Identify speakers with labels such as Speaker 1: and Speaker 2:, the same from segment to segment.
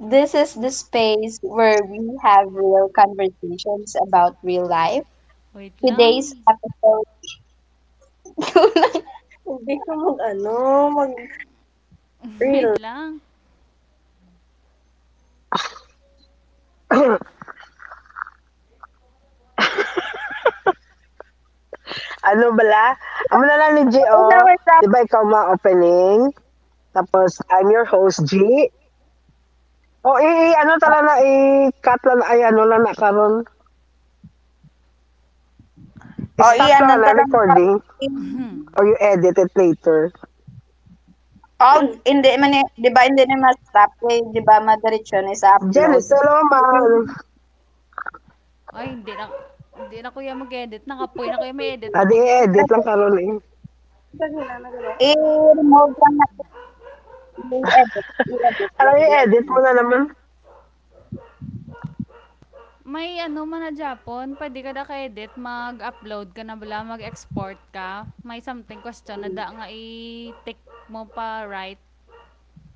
Speaker 1: This is the space where we have real conversations about real life.
Speaker 2: Wait lang.
Speaker 1: Today's episode. Hindi ka mag ano, mag
Speaker 2: Wait
Speaker 1: real.
Speaker 2: lang.
Speaker 3: ano bala? Amo na lang ni G, oh. Di ba ikaw ma-opening? Tapos, I'm your host, G. O, ano talaga, i-cut lang, ay, ano lang na karon.
Speaker 1: Oh,
Speaker 2: Wala
Speaker 3: Stop
Speaker 1: iyan,
Speaker 2: na.
Speaker 3: lang
Speaker 1: nun
Speaker 3: na
Speaker 1: talaga.
Speaker 3: recording or you edit it later.
Speaker 1: Oh, hindi man, eh- di ba, hindi na mas stop eh, di ba, madiretso na sa upload.
Speaker 3: Janice, hello, ma.
Speaker 2: Ay, hindi na kuya mag-edit. Nakapoy na kuya may edit pa ko
Speaker 3: Adi,
Speaker 2: diyo.
Speaker 3: edit lang karon eh.
Speaker 1: Sa ginana gano'n. I-remove lang natin, i-edit, i-edit
Speaker 3: Ano
Speaker 1: lang naman
Speaker 3: i-edit
Speaker 1: yun.
Speaker 3: mo na naman?
Speaker 2: May ano man na Japon, pwede ka na ka-edit, mag-upload ka na bala, mag-export ka. May something question na
Speaker 1: Hmm,
Speaker 2: da nga i-tick mo pa right,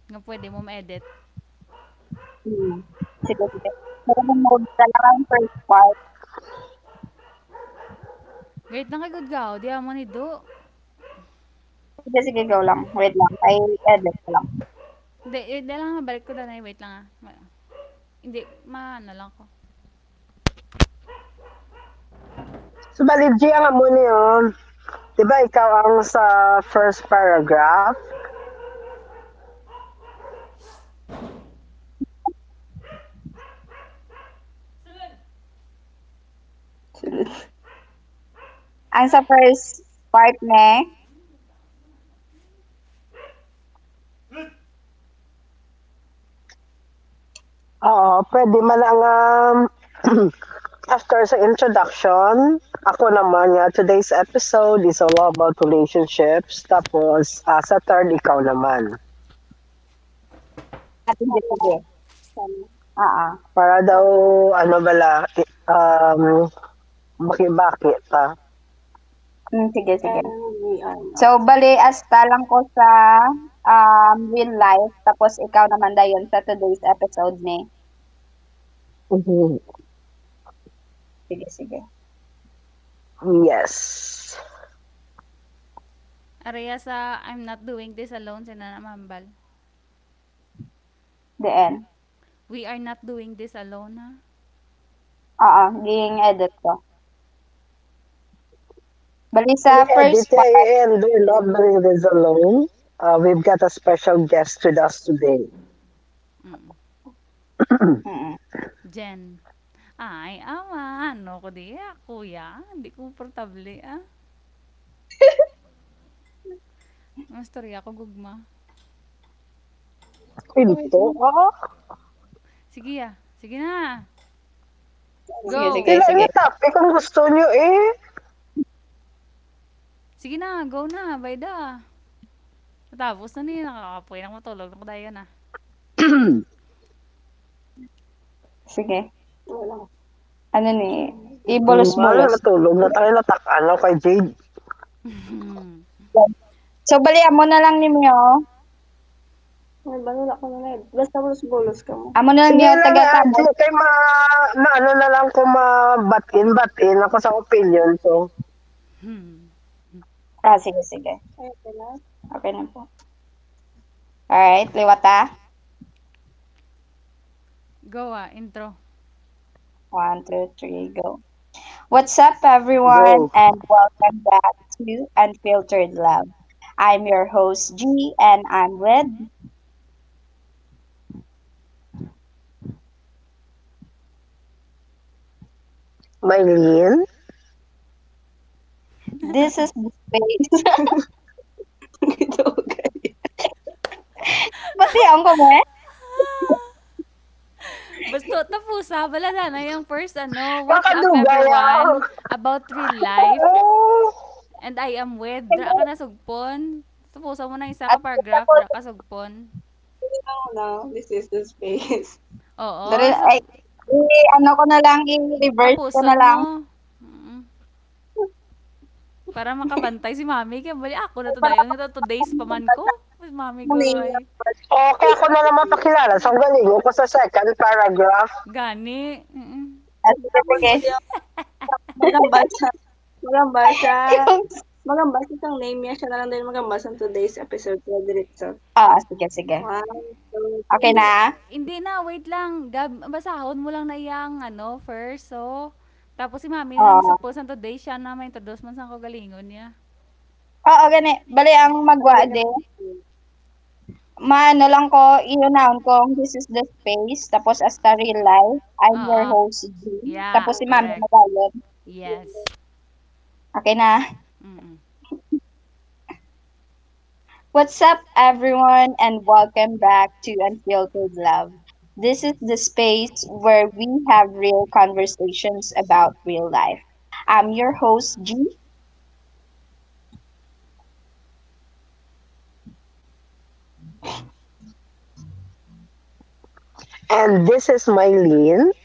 Speaker 2: nga pwede mo ma-edit.
Speaker 1: hmm. Sige, sige. Pero remove ko lang ang first part.
Speaker 2: Great na kay good gaw, di mo ni do.
Speaker 1: Sige, sige, go lang. Wait lang, i-edit ko lang.
Speaker 2: Hindi, eh, di lang nga, balik ko na, wait lang ah. Ma- Hindi, maano lang ko.
Speaker 3: So, bali, G, ang amo niyo. Di ba ikaw ang sa first paragraph?
Speaker 1: Ano, Sunod. Ang sa
Speaker 2: Sa
Speaker 1: first part ni
Speaker 3: Oo, pwede man ang um, after sa introduction, ako naman nga, today's episode is all about relationships. Tapos, ah, sa third, ikaw naman.
Speaker 1: Ate Jessica. Sana. Oo.
Speaker 3: Para daw, ano bala, makibaki pa.
Speaker 1: Mm, sige, sige. So, bali, asta lang ko sa real life. Tapos, ikaw naman dayon sa today's episode ni. Sige, sige.
Speaker 3: Yes.
Speaker 2: Areha sa I'm not doing this alone sina Mambal.
Speaker 1: The end.
Speaker 2: We are not doing this alone, ha.
Speaker 1: Oo, ging edit ko. Bali, sa
Speaker 3: Edit,
Speaker 1: first part,
Speaker 3: and we're not doing this alone. We've got a special guest with us today.
Speaker 2: Mm.
Speaker 1: Mm.
Speaker 2: Jen. Ay, ama, ano ko diya, kuya. Hindi komportable ah. Mastorya ko gugma.
Speaker 1: Sabi ko,
Speaker 3: Pinto? Ah,
Speaker 2: Sige ah, sige na.
Speaker 1: sige,
Speaker 2: Go.
Speaker 1: sige,
Speaker 3: tila
Speaker 1: sige.
Speaker 3: niya topic kung gusto niyo eh.
Speaker 2: Sige na, go na, bayda. Tapos na niya, nakakapoy na matulog naku dayo na.
Speaker 1: Sige. Ano ni?
Speaker 3: Man,
Speaker 1: Ibolos-bolos.
Speaker 3: matulog na tayo natak ano kay JJ.
Speaker 1: So, balian mo na lang niyo. Ay, banula ko na na eh. Basta bolos-bolos ka mo. Amo na lang
Speaker 3: Sige
Speaker 1: niyo
Speaker 3: lang,
Speaker 1: taga-tapos.
Speaker 3: diyan kay ma maano na lang kung mabatin-batin ako sa opinion. So,
Speaker 1: Ah, sige, sige. Ay, pala. Okay na po. Alright, liwata.
Speaker 2: Go ah, intro.
Speaker 1: One, two, three, go. What's up, everyone,
Speaker 3: go.
Speaker 1: and welcome back to Unfiltered Love. I'm your host, G, and I'm with.
Speaker 3: Maylin?
Speaker 1: This is the space. Ito, okay. Ba't iyan ko mo
Speaker 2: Basta tapos ha, balada na yung first ano, what's up
Speaker 3: Nakadugay ah.
Speaker 2: everyone about real life.
Speaker 3: Oo.
Speaker 2: And I am with, dra ka na
Speaker 1: eh?
Speaker 2: sugpon. Tapusan mo ng isa ka
Speaker 1: At gusto
Speaker 2: paragraph,
Speaker 1: ko
Speaker 2: dra ka
Speaker 1: sabihin
Speaker 2: sugpon.
Speaker 1: No, no, this is the space. Dali,
Speaker 2: Oo, sug
Speaker 1: ay, i-ano ko na lang, i-reverse ko na
Speaker 2: tapuson
Speaker 1: lang. Ah,
Speaker 2: mo. Mm, para makabantay si mami kaya bali ako na to dayon ito 2 days pa man ko. Mas mami guro ay
Speaker 3: O, ako na
Speaker 1: sige,
Speaker 3: lang
Speaker 1: sige.
Speaker 3: mapakilala. So, ang galing ko sa second paragraph.
Speaker 2: gani. Mm-mm.
Speaker 1: Magamba siya. Magamba siya. Yung, Magamba siya ang name niya. Siya na lang din magamba sa today's episode na diretso. Ah, sige, sige. One, two, okay
Speaker 2: Hindi
Speaker 1: na?
Speaker 2: hindi na wait lang. Gab, basahon mo lang na iyang ano first. So tapos si mami na
Speaker 1: Oo.
Speaker 2: masugpon sa 2 days siya na may introduce man sa ko galingon niya.
Speaker 1: Oo, gani. Bali, ang magwa de, three. Maano lang ko, i-noun kong this is the space, tapos as the real life, I'm your
Speaker 2: Oo.
Speaker 1: host, G. Tapos
Speaker 2: Yeah,
Speaker 1: si Mami
Speaker 2: correct.
Speaker 1: Magalit.
Speaker 2: Yes.
Speaker 1: Okay na.
Speaker 2: Mm-mm.
Speaker 1: What's up, everyone, and welcome back to Unfiltered Love. This is the space where we have real conversations about real life. I'm your host G,
Speaker 3: And this is Maylin.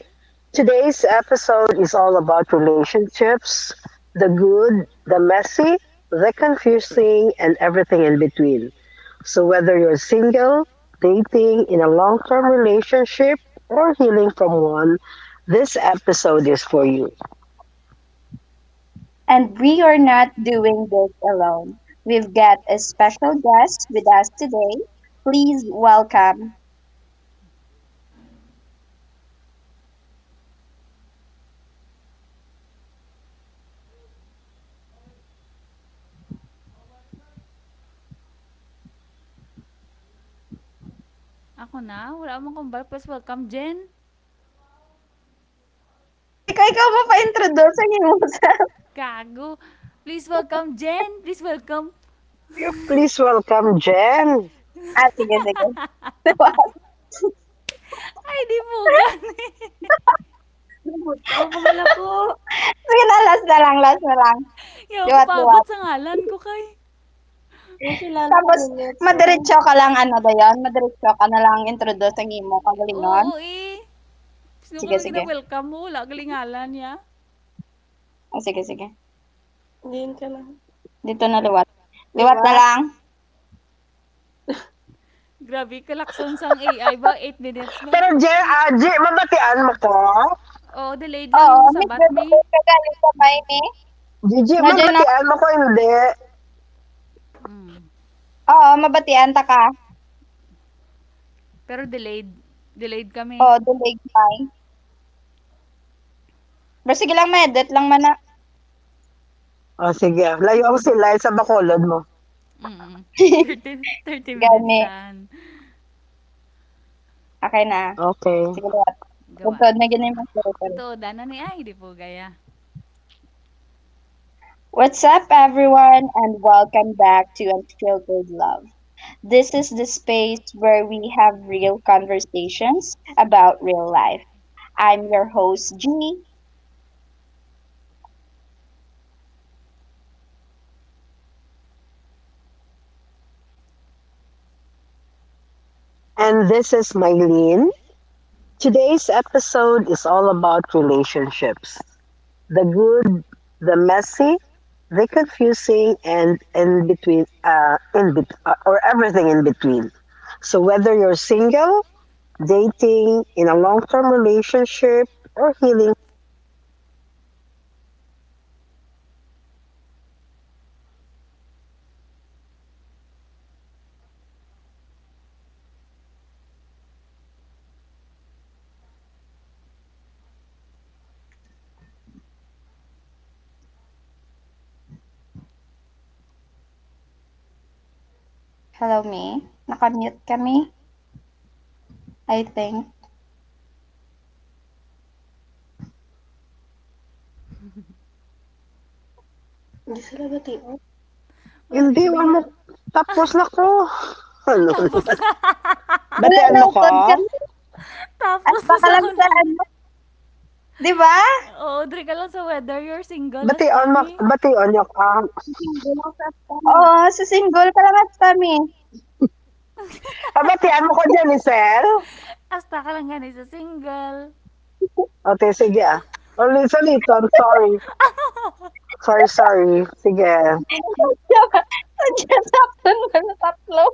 Speaker 3: Today's episode is all about relationships: the good, the messy, the confusing, and everything in between. So, whether you're single, dating, in a long term relationship, or healing from one, this episode is for you.
Speaker 1: and we are not doing this alone. We've got a special guest with us today. Please welcome.
Speaker 2: Ako na? Wala akong kumbal. Please welcome, Jen.
Speaker 1: Abi ko ikaw mo pa-introduce ang imo sa.
Speaker 2: Gago. Please welcome, Jen. Please welcome.
Speaker 3: You please welcome Jen.
Speaker 1: Ah, sige, sige.
Speaker 2: Ay, di po gani.
Speaker 1: Buto, buhala ko. Sige na, last na lang, last na lang.
Speaker 2: Yaw ako paabot
Speaker 1: Liwat-liwat.
Speaker 2: sa ngalan ko kay.
Speaker 1: Nakilala ko Tapos, rin yun. Sige. Madiretso ka lang, ano ba yun? Madiretso ka na lang introduce ang imo. Kagalingon.
Speaker 2: Oo, eh. Sino ko
Speaker 1: Sige,
Speaker 2: na
Speaker 1: sige.
Speaker 2: welcome mo? Wala galingalan niya.
Speaker 1: O, sige, sige. Diyan ka na. Dito na liwat. Liwat na Diba? Lang.
Speaker 2: Grabe, kalakson sang AI ba? 8 minutes ba?
Speaker 3: Pero Jen, G, mabatian mo ko?
Speaker 2: Oo, delayed lang
Speaker 1: Oo,
Speaker 2: yung mo
Speaker 1: nagdadabay
Speaker 2: may.
Speaker 1: ka galing sa may ni.
Speaker 3: Gigi,
Speaker 1: No, dyan no?
Speaker 3: mabatian mo ko hindi.
Speaker 2: Mm.
Speaker 1: Oo, mabatian ta ka.
Speaker 2: Pero delayed. Delayed kami.
Speaker 1: Oo, dulig may. Pero sige lang, medit lang man na.
Speaker 3: O sige, layo ako sila sa bakulod mo.
Speaker 2: Mm, thirty 30 minutes
Speaker 1: Gani.
Speaker 2: daan.
Speaker 1: Okay na.
Speaker 3: Okay.
Speaker 1: Sige liwat.
Speaker 2: Gawa.
Speaker 1: Tugtod na ganun yung mga story.
Speaker 2: Totoo dana ni ay di po gaya.
Speaker 1: What's up, everyone, and welcome back to Unfiltered Love. This is the space where we have real conversations about real life. I'm your host, G.
Speaker 3: And this is Mylene. Today's episode is all about relationships: the good, the messy, the confusing, and in between, or everything in between. So, whether you're single, dating, in a long term relationship, or healing,
Speaker 1: Hello, May. Nakamute kami, I think. Hindi sila ba TR?
Speaker 2: Wari
Speaker 3: hindi
Speaker 2: ko
Speaker 3: wa
Speaker 2: diya.
Speaker 3: mo tapos na ko. Ano?
Speaker 2: Tapos na.
Speaker 1: Wala
Speaker 3: Batian
Speaker 1: na,
Speaker 3: mo ko?
Speaker 1: upod kami. As
Speaker 2: Tapos
Speaker 1: pa
Speaker 2: na
Speaker 1: ka
Speaker 2: sa
Speaker 1: lang sa
Speaker 2: kuno.
Speaker 1: ano. Di ba?
Speaker 2: Oo, dre ka lang sa whether you're single, hasta
Speaker 3: Batian mo,
Speaker 2: mi.
Speaker 3: batian niyo ko.
Speaker 1: Single sa kami. Oo, sa single ka lang at kami.
Speaker 3: Ah, batian mo ko, Janicel?
Speaker 2: Hasta ka lang gani sa single.
Speaker 3: Okay, sige ah. Ulit, ulit. I'm sorry. Sorry, sorry. Sige.
Speaker 1: Sadya saktan ba sa tatlo?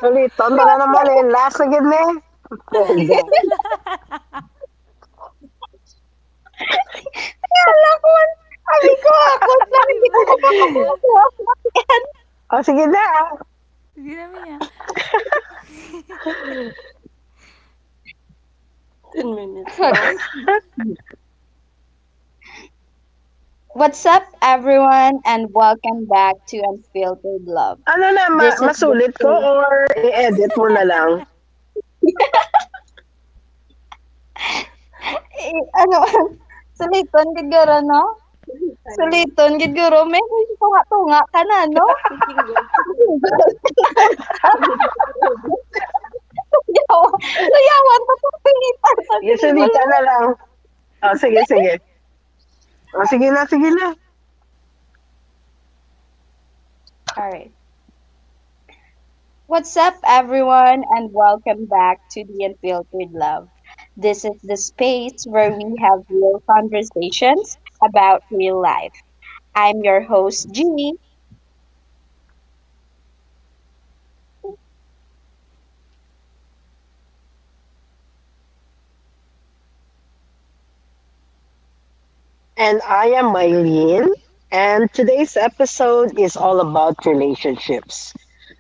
Speaker 3: Suliton ka
Speaker 1: Diba?
Speaker 3: na naman, eh, last na gid ni.
Speaker 2: Wala sa
Speaker 3: Poga.
Speaker 2: sala.
Speaker 1: Kaya alam ko, sabi ko, ako
Speaker 2: Ay,
Speaker 1: lang,
Speaker 2: di
Speaker 1: hindi
Speaker 2: po
Speaker 1: ko pa
Speaker 2: gaya.
Speaker 1: makabuo.
Speaker 3: O sige na, ah.
Speaker 2: Sige na miya.
Speaker 1: 10 minutes, no? Okay. What's up, everyone, and welcome back to Unfiltered Love.
Speaker 3: Ano na,
Speaker 1: This is the
Speaker 3: masulit ko
Speaker 1: space.
Speaker 3: or i-edit mo na lang?
Speaker 1: Eh, ano, suliton gid guro, no? Suliton gid guro. May tunga-tunga ka na, no? Susinggol. Susinggol. Yawan. Sayawan pa itong pilitan sa
Speaker 3: Yung
Speaker 1: single.
Speaker 3: sulita na lang. O sige, sige. O sige na, sige na.
Speaker 1: Alright. What's up, everyone, and welcome back to the Unfiltered Love. This is the space where we have real conversations about real life. I'm your host, Jeannie,
Speaker 3: And I am Mylene. And today's episode is all about relationships.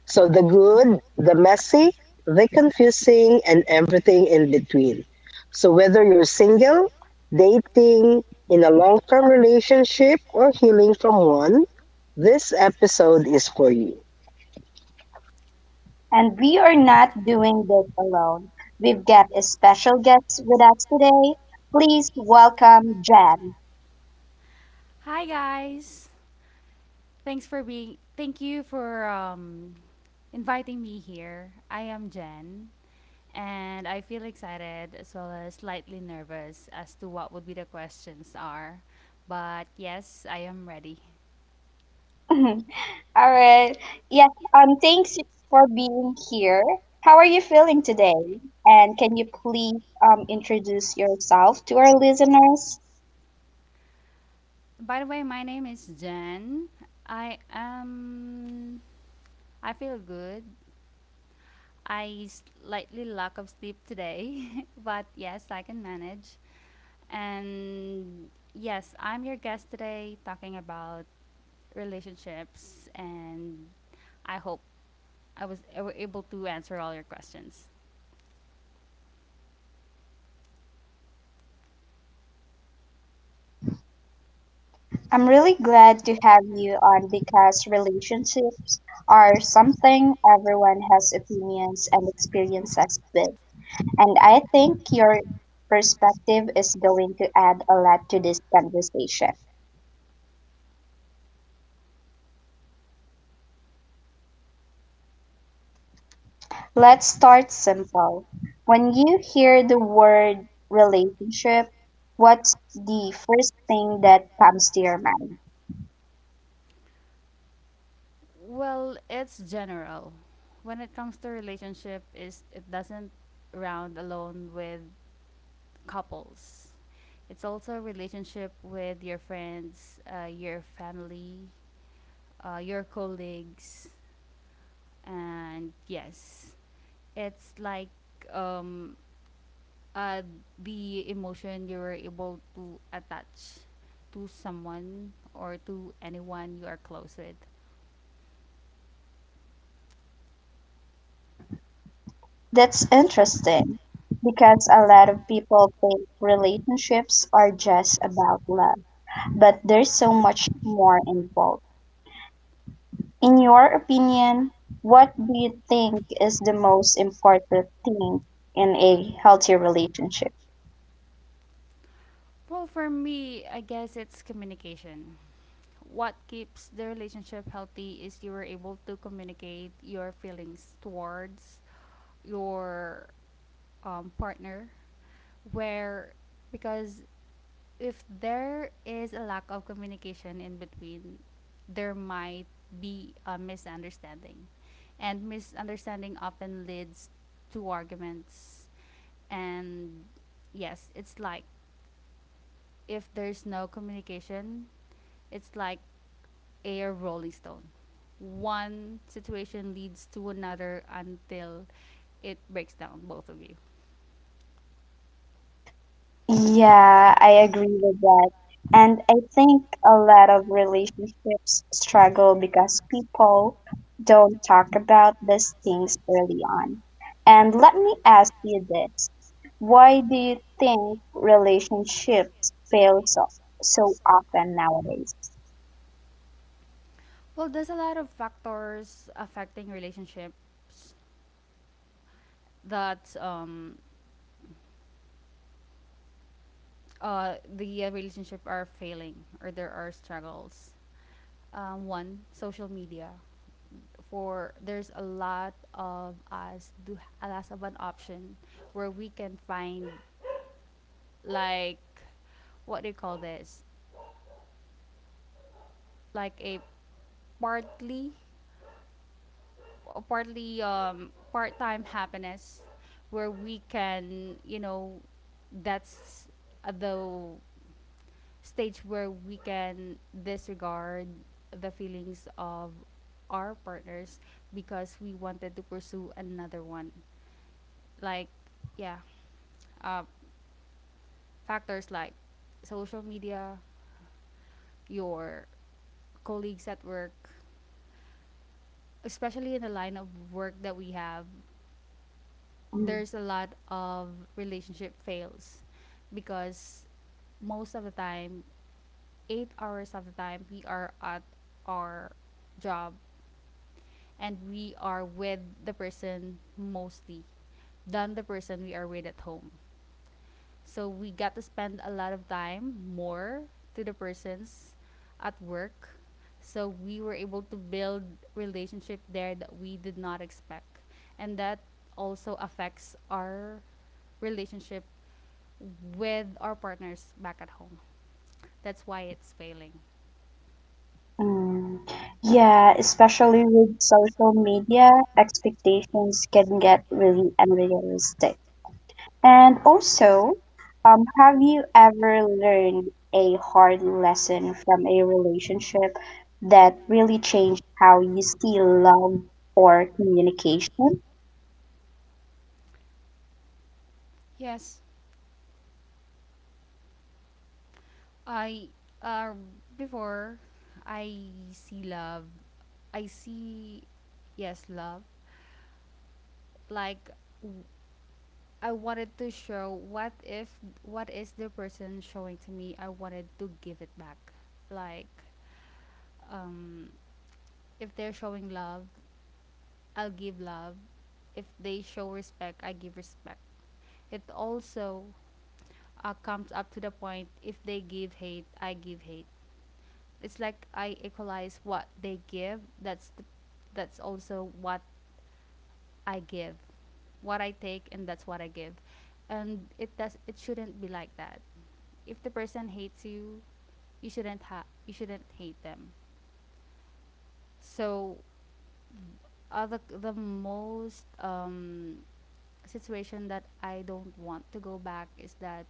Speaker 3: So, the good, the messy, the confusing, and everything in between. So, whether you're single, dating, in a long term relationship, or healing from one, this episode is for you.
Speaker 1: and we are not doing this alone. We've got a special guest with us today. Please welcome Jen.
Speaker 2: Hi guys. Thank you for inviting me here. I am Jen, and I feel excited as well as slightly nervous as to what would be the questions are. But yes, I am ready.
Speaker 1: All right. Yes, thanks for being here. How are you feeling today? And can you please introduce yourself to our listeners?
Speaker 2: By the way, my name is Jen. I am I feel good. I slightly lack of sleep today, but yes, I can manage. And yes, I'm your guest today talking about relationships, and I hope I was able to answer all your questions.
Speaker 1: I'm really glad to have you on because relationships are something everyone has opinions and experiences with. And I think your perspective is going to add a lot to this conversation. Let's start simple. When you hear the word relationship, what's the first thing that comes to your mind?
Speaker 2: Well, it's general. When it comes to relationship is it doesn't round alone with couples. It's also a relationship with your friends, your family, your colleagues, and yes, it's like um, uh, the emotion you were able to attach to someone or to anyone you are close with.
Speaker 1: That's interesting because a lot of people think relationships are just about love, but there's so much more involved. In your opinion, what do you think is the most important thing in a healthy relationship?
Speaker 2: Well, for me, I guess it's communication. What keeps the relationship healthy is you were able to communicate your feelings towards your partner, where because if there is a lack of communication in between, there might be a misunderstanding, and misunderstanding often leads to arguments. And yes, it's like if there's no communication, it's like a rolling stone. One situation leads to another until it breaks down both of you.
Speaker 1: Yeah, I agree with that. And I think a lot of relationships struggle because people don't talk about these things early on. And let me ask you this. Why do you think relationships fail so, so often nowadays?
Speaker 2: Well, there's a lot of factors affecting relationships that the relationship are failing or there are struggles. One, social media. For there's a lot of us do a lot of an option where we can find, like, what do you call this? Like a partly partly part-time happiness where we can, you know, that's at the stage where we can disregard the feelings of our partners because we wanted to pursue another one, like, yeah, uh, factors like social media, your colleagues at work, especially in the line of work that we have, there's
Speaker 1: Mm.
Speaker 2: a lot of relationship fails because most of the time, 8 hours of the time, we are at our job and we are with the person mostly than the person we are with at home. So we got to spend a lot of time more to the persons at work. So we were able to build relationship there that we did not expect. And that also affects our relationship with our partners back at home. That's why it's failing.
Speaker 1: Mm. Yeah, especially with social media, expectations can get really unrealistic. And also, have you ever learned a hard lesson from a relationship that really changed how you see love or communication?
Speaker 2: Yes, I uh, before I see love, I see yes love like w- I wanted to show what if what is the person showing to me. I wanted to give it back. Like, um, if they're showing love, I'll give love. If they show respect, I give respect. It also comes up to the point if they give hate, I give hate. It's like I equalize what they give. That's also what I give. What I take and that's what I give. And it does it shouldn't be like that. If the person hates you, you shouldn't you shouldn't hate them. So the most situation that I don't want to go back is that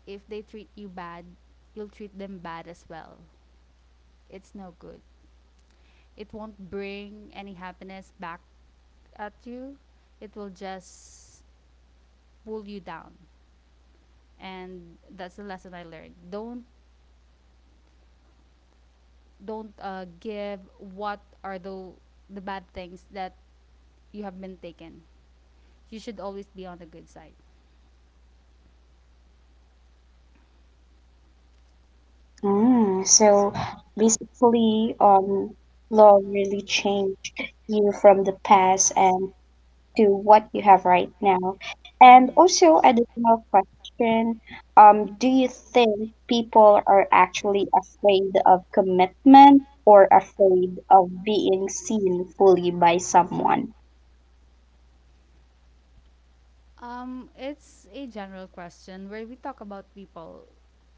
Speaker 2: if they treat you bad, you'll treat them bad as well. It's no good. It won't bring any happiness back at you. It will just pull you down. And that's the lesson I learned. Don't give what are the bad things that you have been taken. You should always be on the good side.
Speaker 1: So basically, love really changed you from the past and to what you have right now? And
Speaker 2: Mm.
Speaker 1: also, additional question, do you think people are actually afraid of commitment or afraid of being seen fully by someone?
Speaker 2: It's a general question where we talk about people.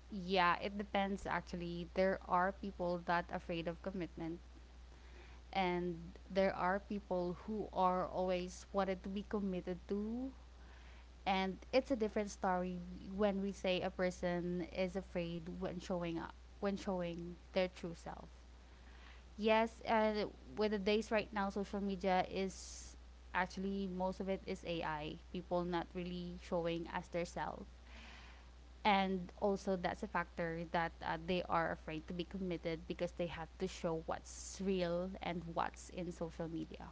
Speaker 2: Yeah, it depends actually. There are people that afraid of commitment, and there are people who are always wanted to be committed to, and it's a different story when we say a person is afraid when showing up, when showing their true self. Yes, and with the days right now, social media is actually most of it is AI. People not really showing as their self. And also, that's a factor that they are afraid to be committed because they have to show what's real and what's in social media.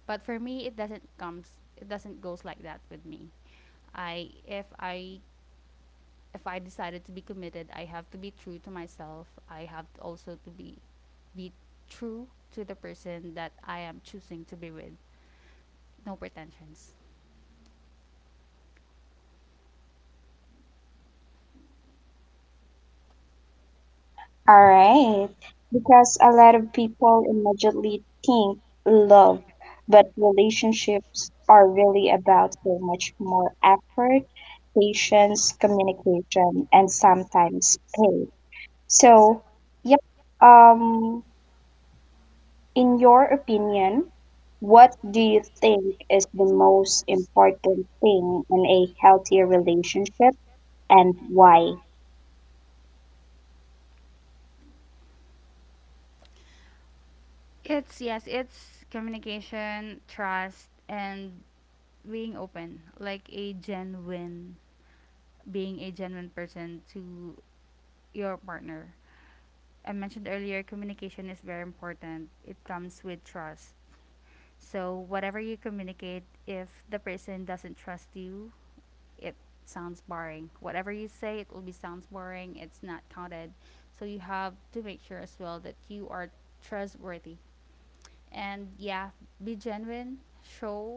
Speaker 2: But for me, it doesn't comes. It doesn't goes like that with me. I if I if I decided to be committed, I have to be true to myself. I have to also to be true to the person that I am choosing to be with. No pretensions.
Speaker 1: All right, because a lot of people immediately think love, but relationships are really about so much more effort, patience, communication, and sometimes pain. So, yep. Um, in your opinion, what do you think is the most important thing in a healthy relationship and why?
Speaker 2: It's yes, it's communication, trust and being open, like a genuine being a genuine person to your partner. I mentioned earlier communication is very important. It comes with trust. So whatever you communicate, if the person doesn't trust you, it sounds boring. Whatever you say, it will be sounds boring. It's not counted. So you have to make sure as well that you are trustworthy. And yeah, be genuine. Show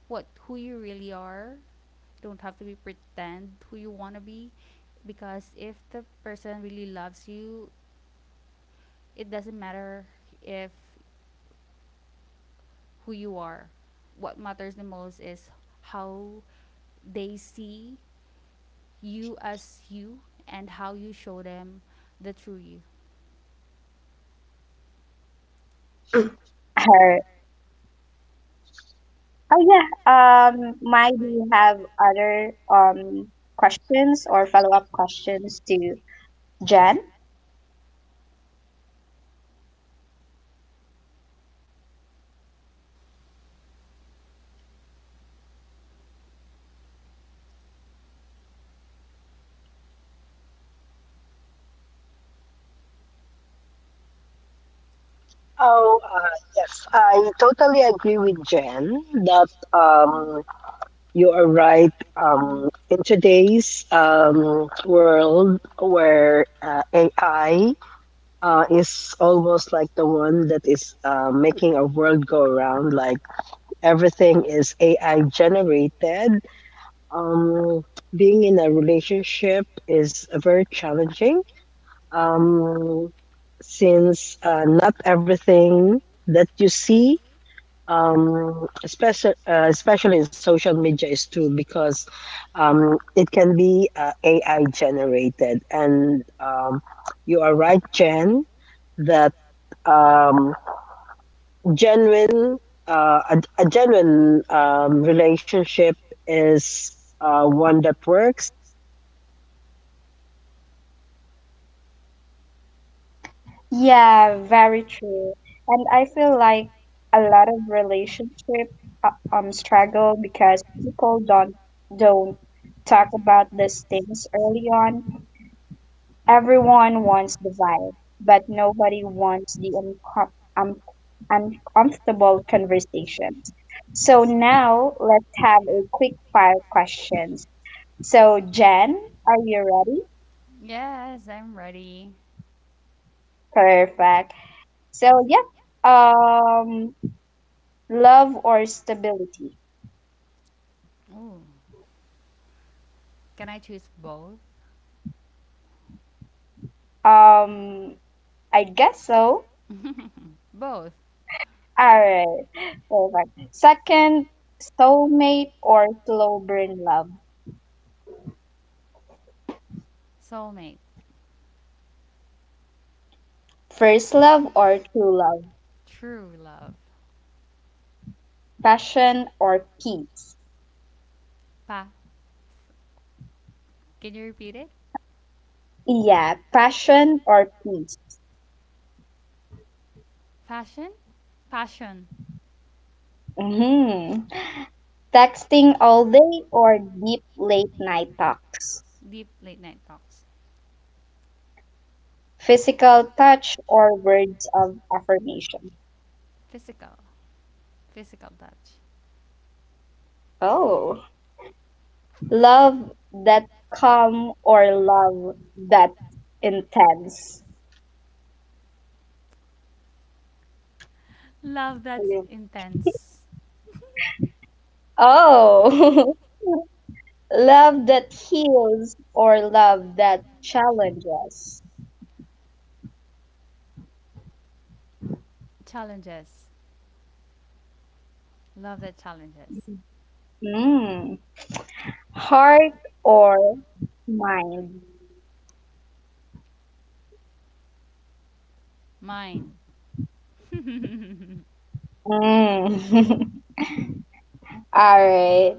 Speaker 2: what who you really are. Don't have to be pretend who you want to be, because if the person really loves you, it doesn't matter if who you are. What matters the most is how they see you as you and how you show them the true you.
Speaker 1: Her. Oh yeah, Mai, do you have other questions or follow-up questions to Jen?
Speaker 3: Oh, yes. I totally agree with Jen that you are right. In today's world where AI is almost like the one that is making our world go around, like everything is AI generated, um, being in a relationship is very challenging, um, since not everything that you see especially in social media is true, because it can be AI generated, and you are right, Jen, that um genuine a genuine relationship is one that works.
Speaker 1: Yeah, very true. And I feel like a lot of relationship struggle because people don't talk about these things early on. Everyone wants the vibe, but nobody wants the um, uncomfortable conversations. So now let's have a quick fire questions. So Jen, are you ready?
Speaker 2: Yes, I'm ready.
Speaker 1: Perfect. So yeah. Um, Love or stability?
Speaker 2: Ooh. Can I choose both?
Speaker 1: Um, I guess so.
Speaker 2: Both.
Speaker 1: All right, perfect. Second, soulmate or slow burn love?
Speaker 2: Soulmate.
Speaker 1: First love or true love?
Speaker 2: True love.
Speaker 1: Passion or peace?
Speaker 2: Pa. Can you repeat it?
Speaker 1: Yeah, passion or peace.
Speaker 2: Fashion? Passion.
Speaker 1: Mm-hmm. Texting all day or deep late night talks?
Speaker 2: Deep late night talks.
Speaker 1: Physical touch or words of affirmation?
Speaker 2: Physical. Physical touch.
Speaker 1: Oh. Love that calm or love that intense?
Speaker 2: Love that's
Speaker 1: Ayun.
Speaker 2: intense.
Speaker 1: Oh, love that heals or love that challenges?
Speaker 2: Challenges. Love that challenges.
Speaker 1: Mm. Heart or mind?
Speaker 2: Mind.
Speaker 1: Mm. All right.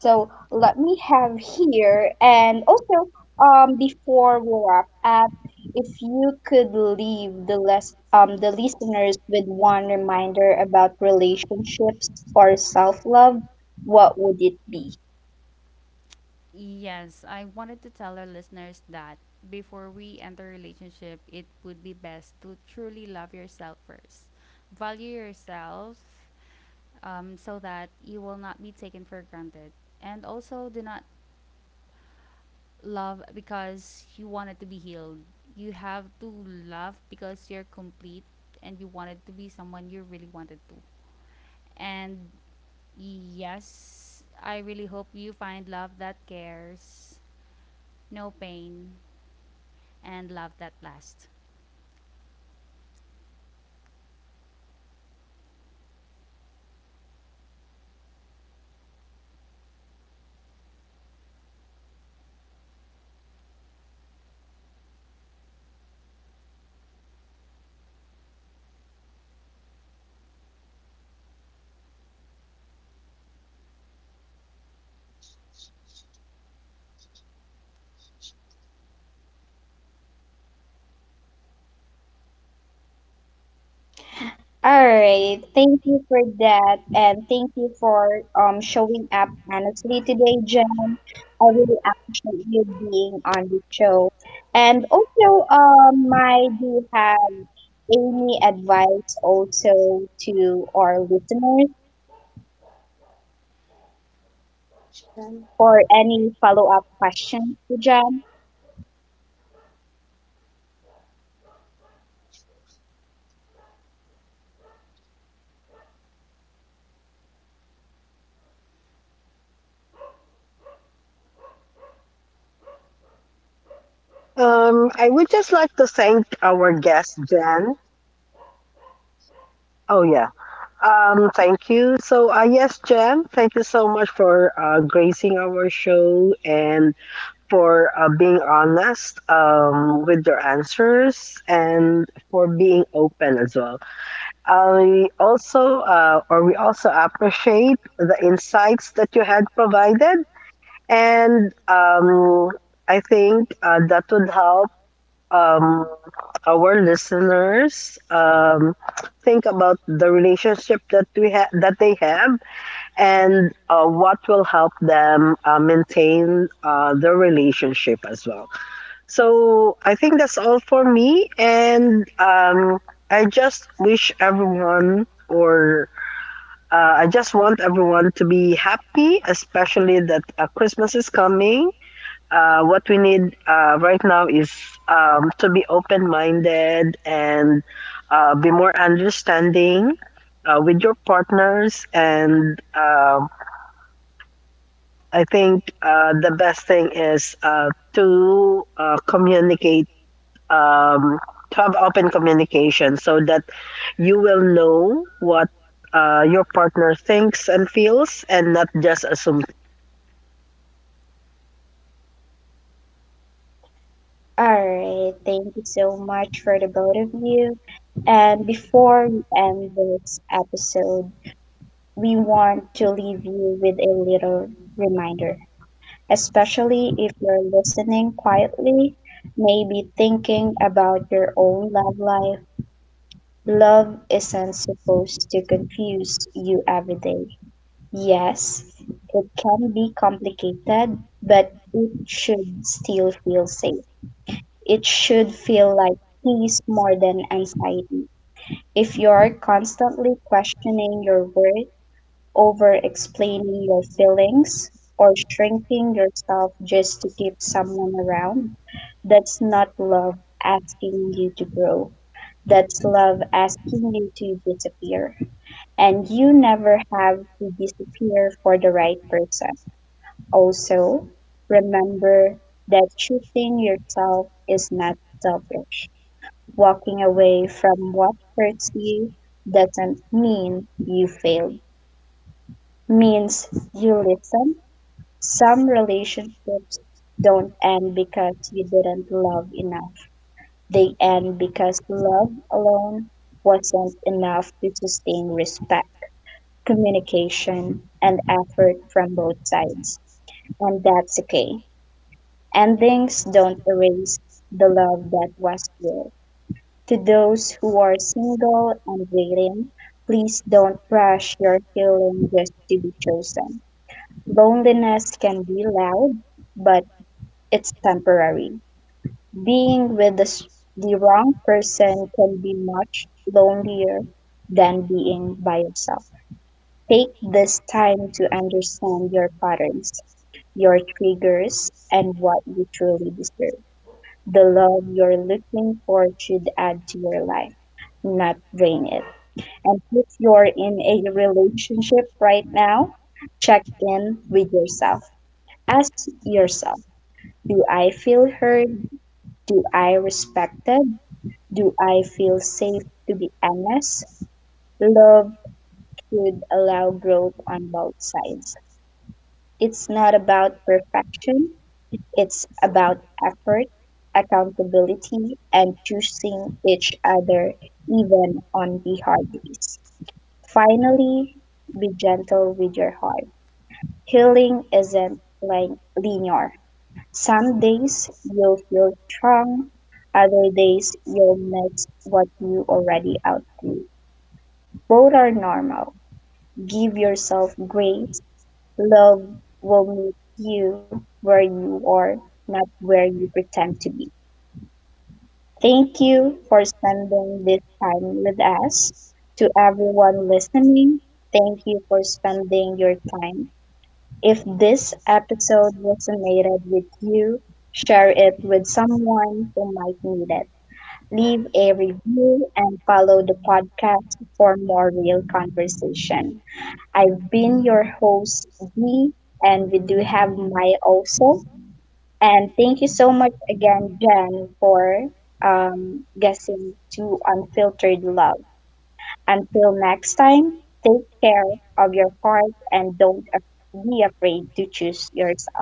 Speaker 1: So let me have here, and also before we wrap up, if you could leave the less the listeners with one reminder about relationships or self love, what would it be?
Speaker 2: Yes, I wanted to tell our listeners that before we enter a relationship, it would be best to truly love yourself first. Value yourself, so that you will not be taken for granted. And also, do not love because you wanted to be healed. You have to love because you're complete and you wanted to be someone you really wanted to. And yes, I really hope you find love that cares, no pain, and love that lasts.
Speaker 1: All right. Thank you for that, and thank you for showing up honestly today, Jen. I really appreciate you being on the show. And also, I do have any advice also to our listeners or any follow-up questions to Jen.
Speaker 3: Um I would just like to thank our guest Jen. Oh yeah. Thank you. So, yes, Jen, thank you so much for gracing our show and for being honest with your answers and for being open as well. Or we also appreciate the insights that you had provided, and I think that would help um, our listeners think about the relationship that we have that they have, and what will help them maintain the relationship as well. So I think that's all for me. And I just wish everyone, or I just want everyone to be happy, especially that Christmas is coming. What we need right now is to be open minded and be more understanding with your partners. And I think the best thing is to communicate, um, to have open communication so that you will know what your partner thinks and feels and not just assume
Speaker 1: All right. Thank you so much for the both of you. And before we end this episode, we want to leave you with a little reminder, especially if you're listening quietly, maybe thinking about your own love life. Love isn't supposed to confuse you every day. Yes, it can be complicated, but it should still feel safe. It should feel like peace more than anxiety. If you're constantly questioning your worth, over explaining your feelings, or shrinking yourself just to keep someone around. That's not love asking you to grow. That's love asking you to disappear. And you never have to disappear for the right person. Also, remember that choosing yourself is not selfish. Walking away from what hurts you doesn't mean you failed, means you listen. Some relationships don't end because you didn't love enough. They end because love alone wasn't enough to sustain respect, communication, and effort from both sides. And that's okay. Endings don't erase the love that was real. To those who are single and waiting, please don't rush your healing just to be chosen. Loneliness can be loud, but it's temporary. Being with the wrong person can be much lonelier than being by yourself. Take this time to understand your patterns, your triggers, and what you truly deserve. The love you're looking for should add to your life, not drain it. And if you're in a relationship right now, check in with yourself. Ask yourself, do I feel heard? Do I respected? Do I feel safe to be honest? Love could allow growth on both sides. It's not about perfection, it's about effort, accountability, and choosing each other even on the hard days. Finally, be gentle with your heart. Healing isn't like linear. Some days you'll feel strong, other days you'll miss what you already outgrew. Both are normal. Give yourself grace. Love will meet you where you are, not where you pretend to be. Thank you for spending this time with us. To everyone listening, thank you for spending your time. If this episode resonated with you, share it with someone who might need it. Leave a review and follow the podcast for more real conversation. I've been your host, Dee, and we do have Mai also. And thank you so much again, Jen, for guessing to Unfiltered Love. Until next time, take care of your heart, and don't be afraid to choose yourself.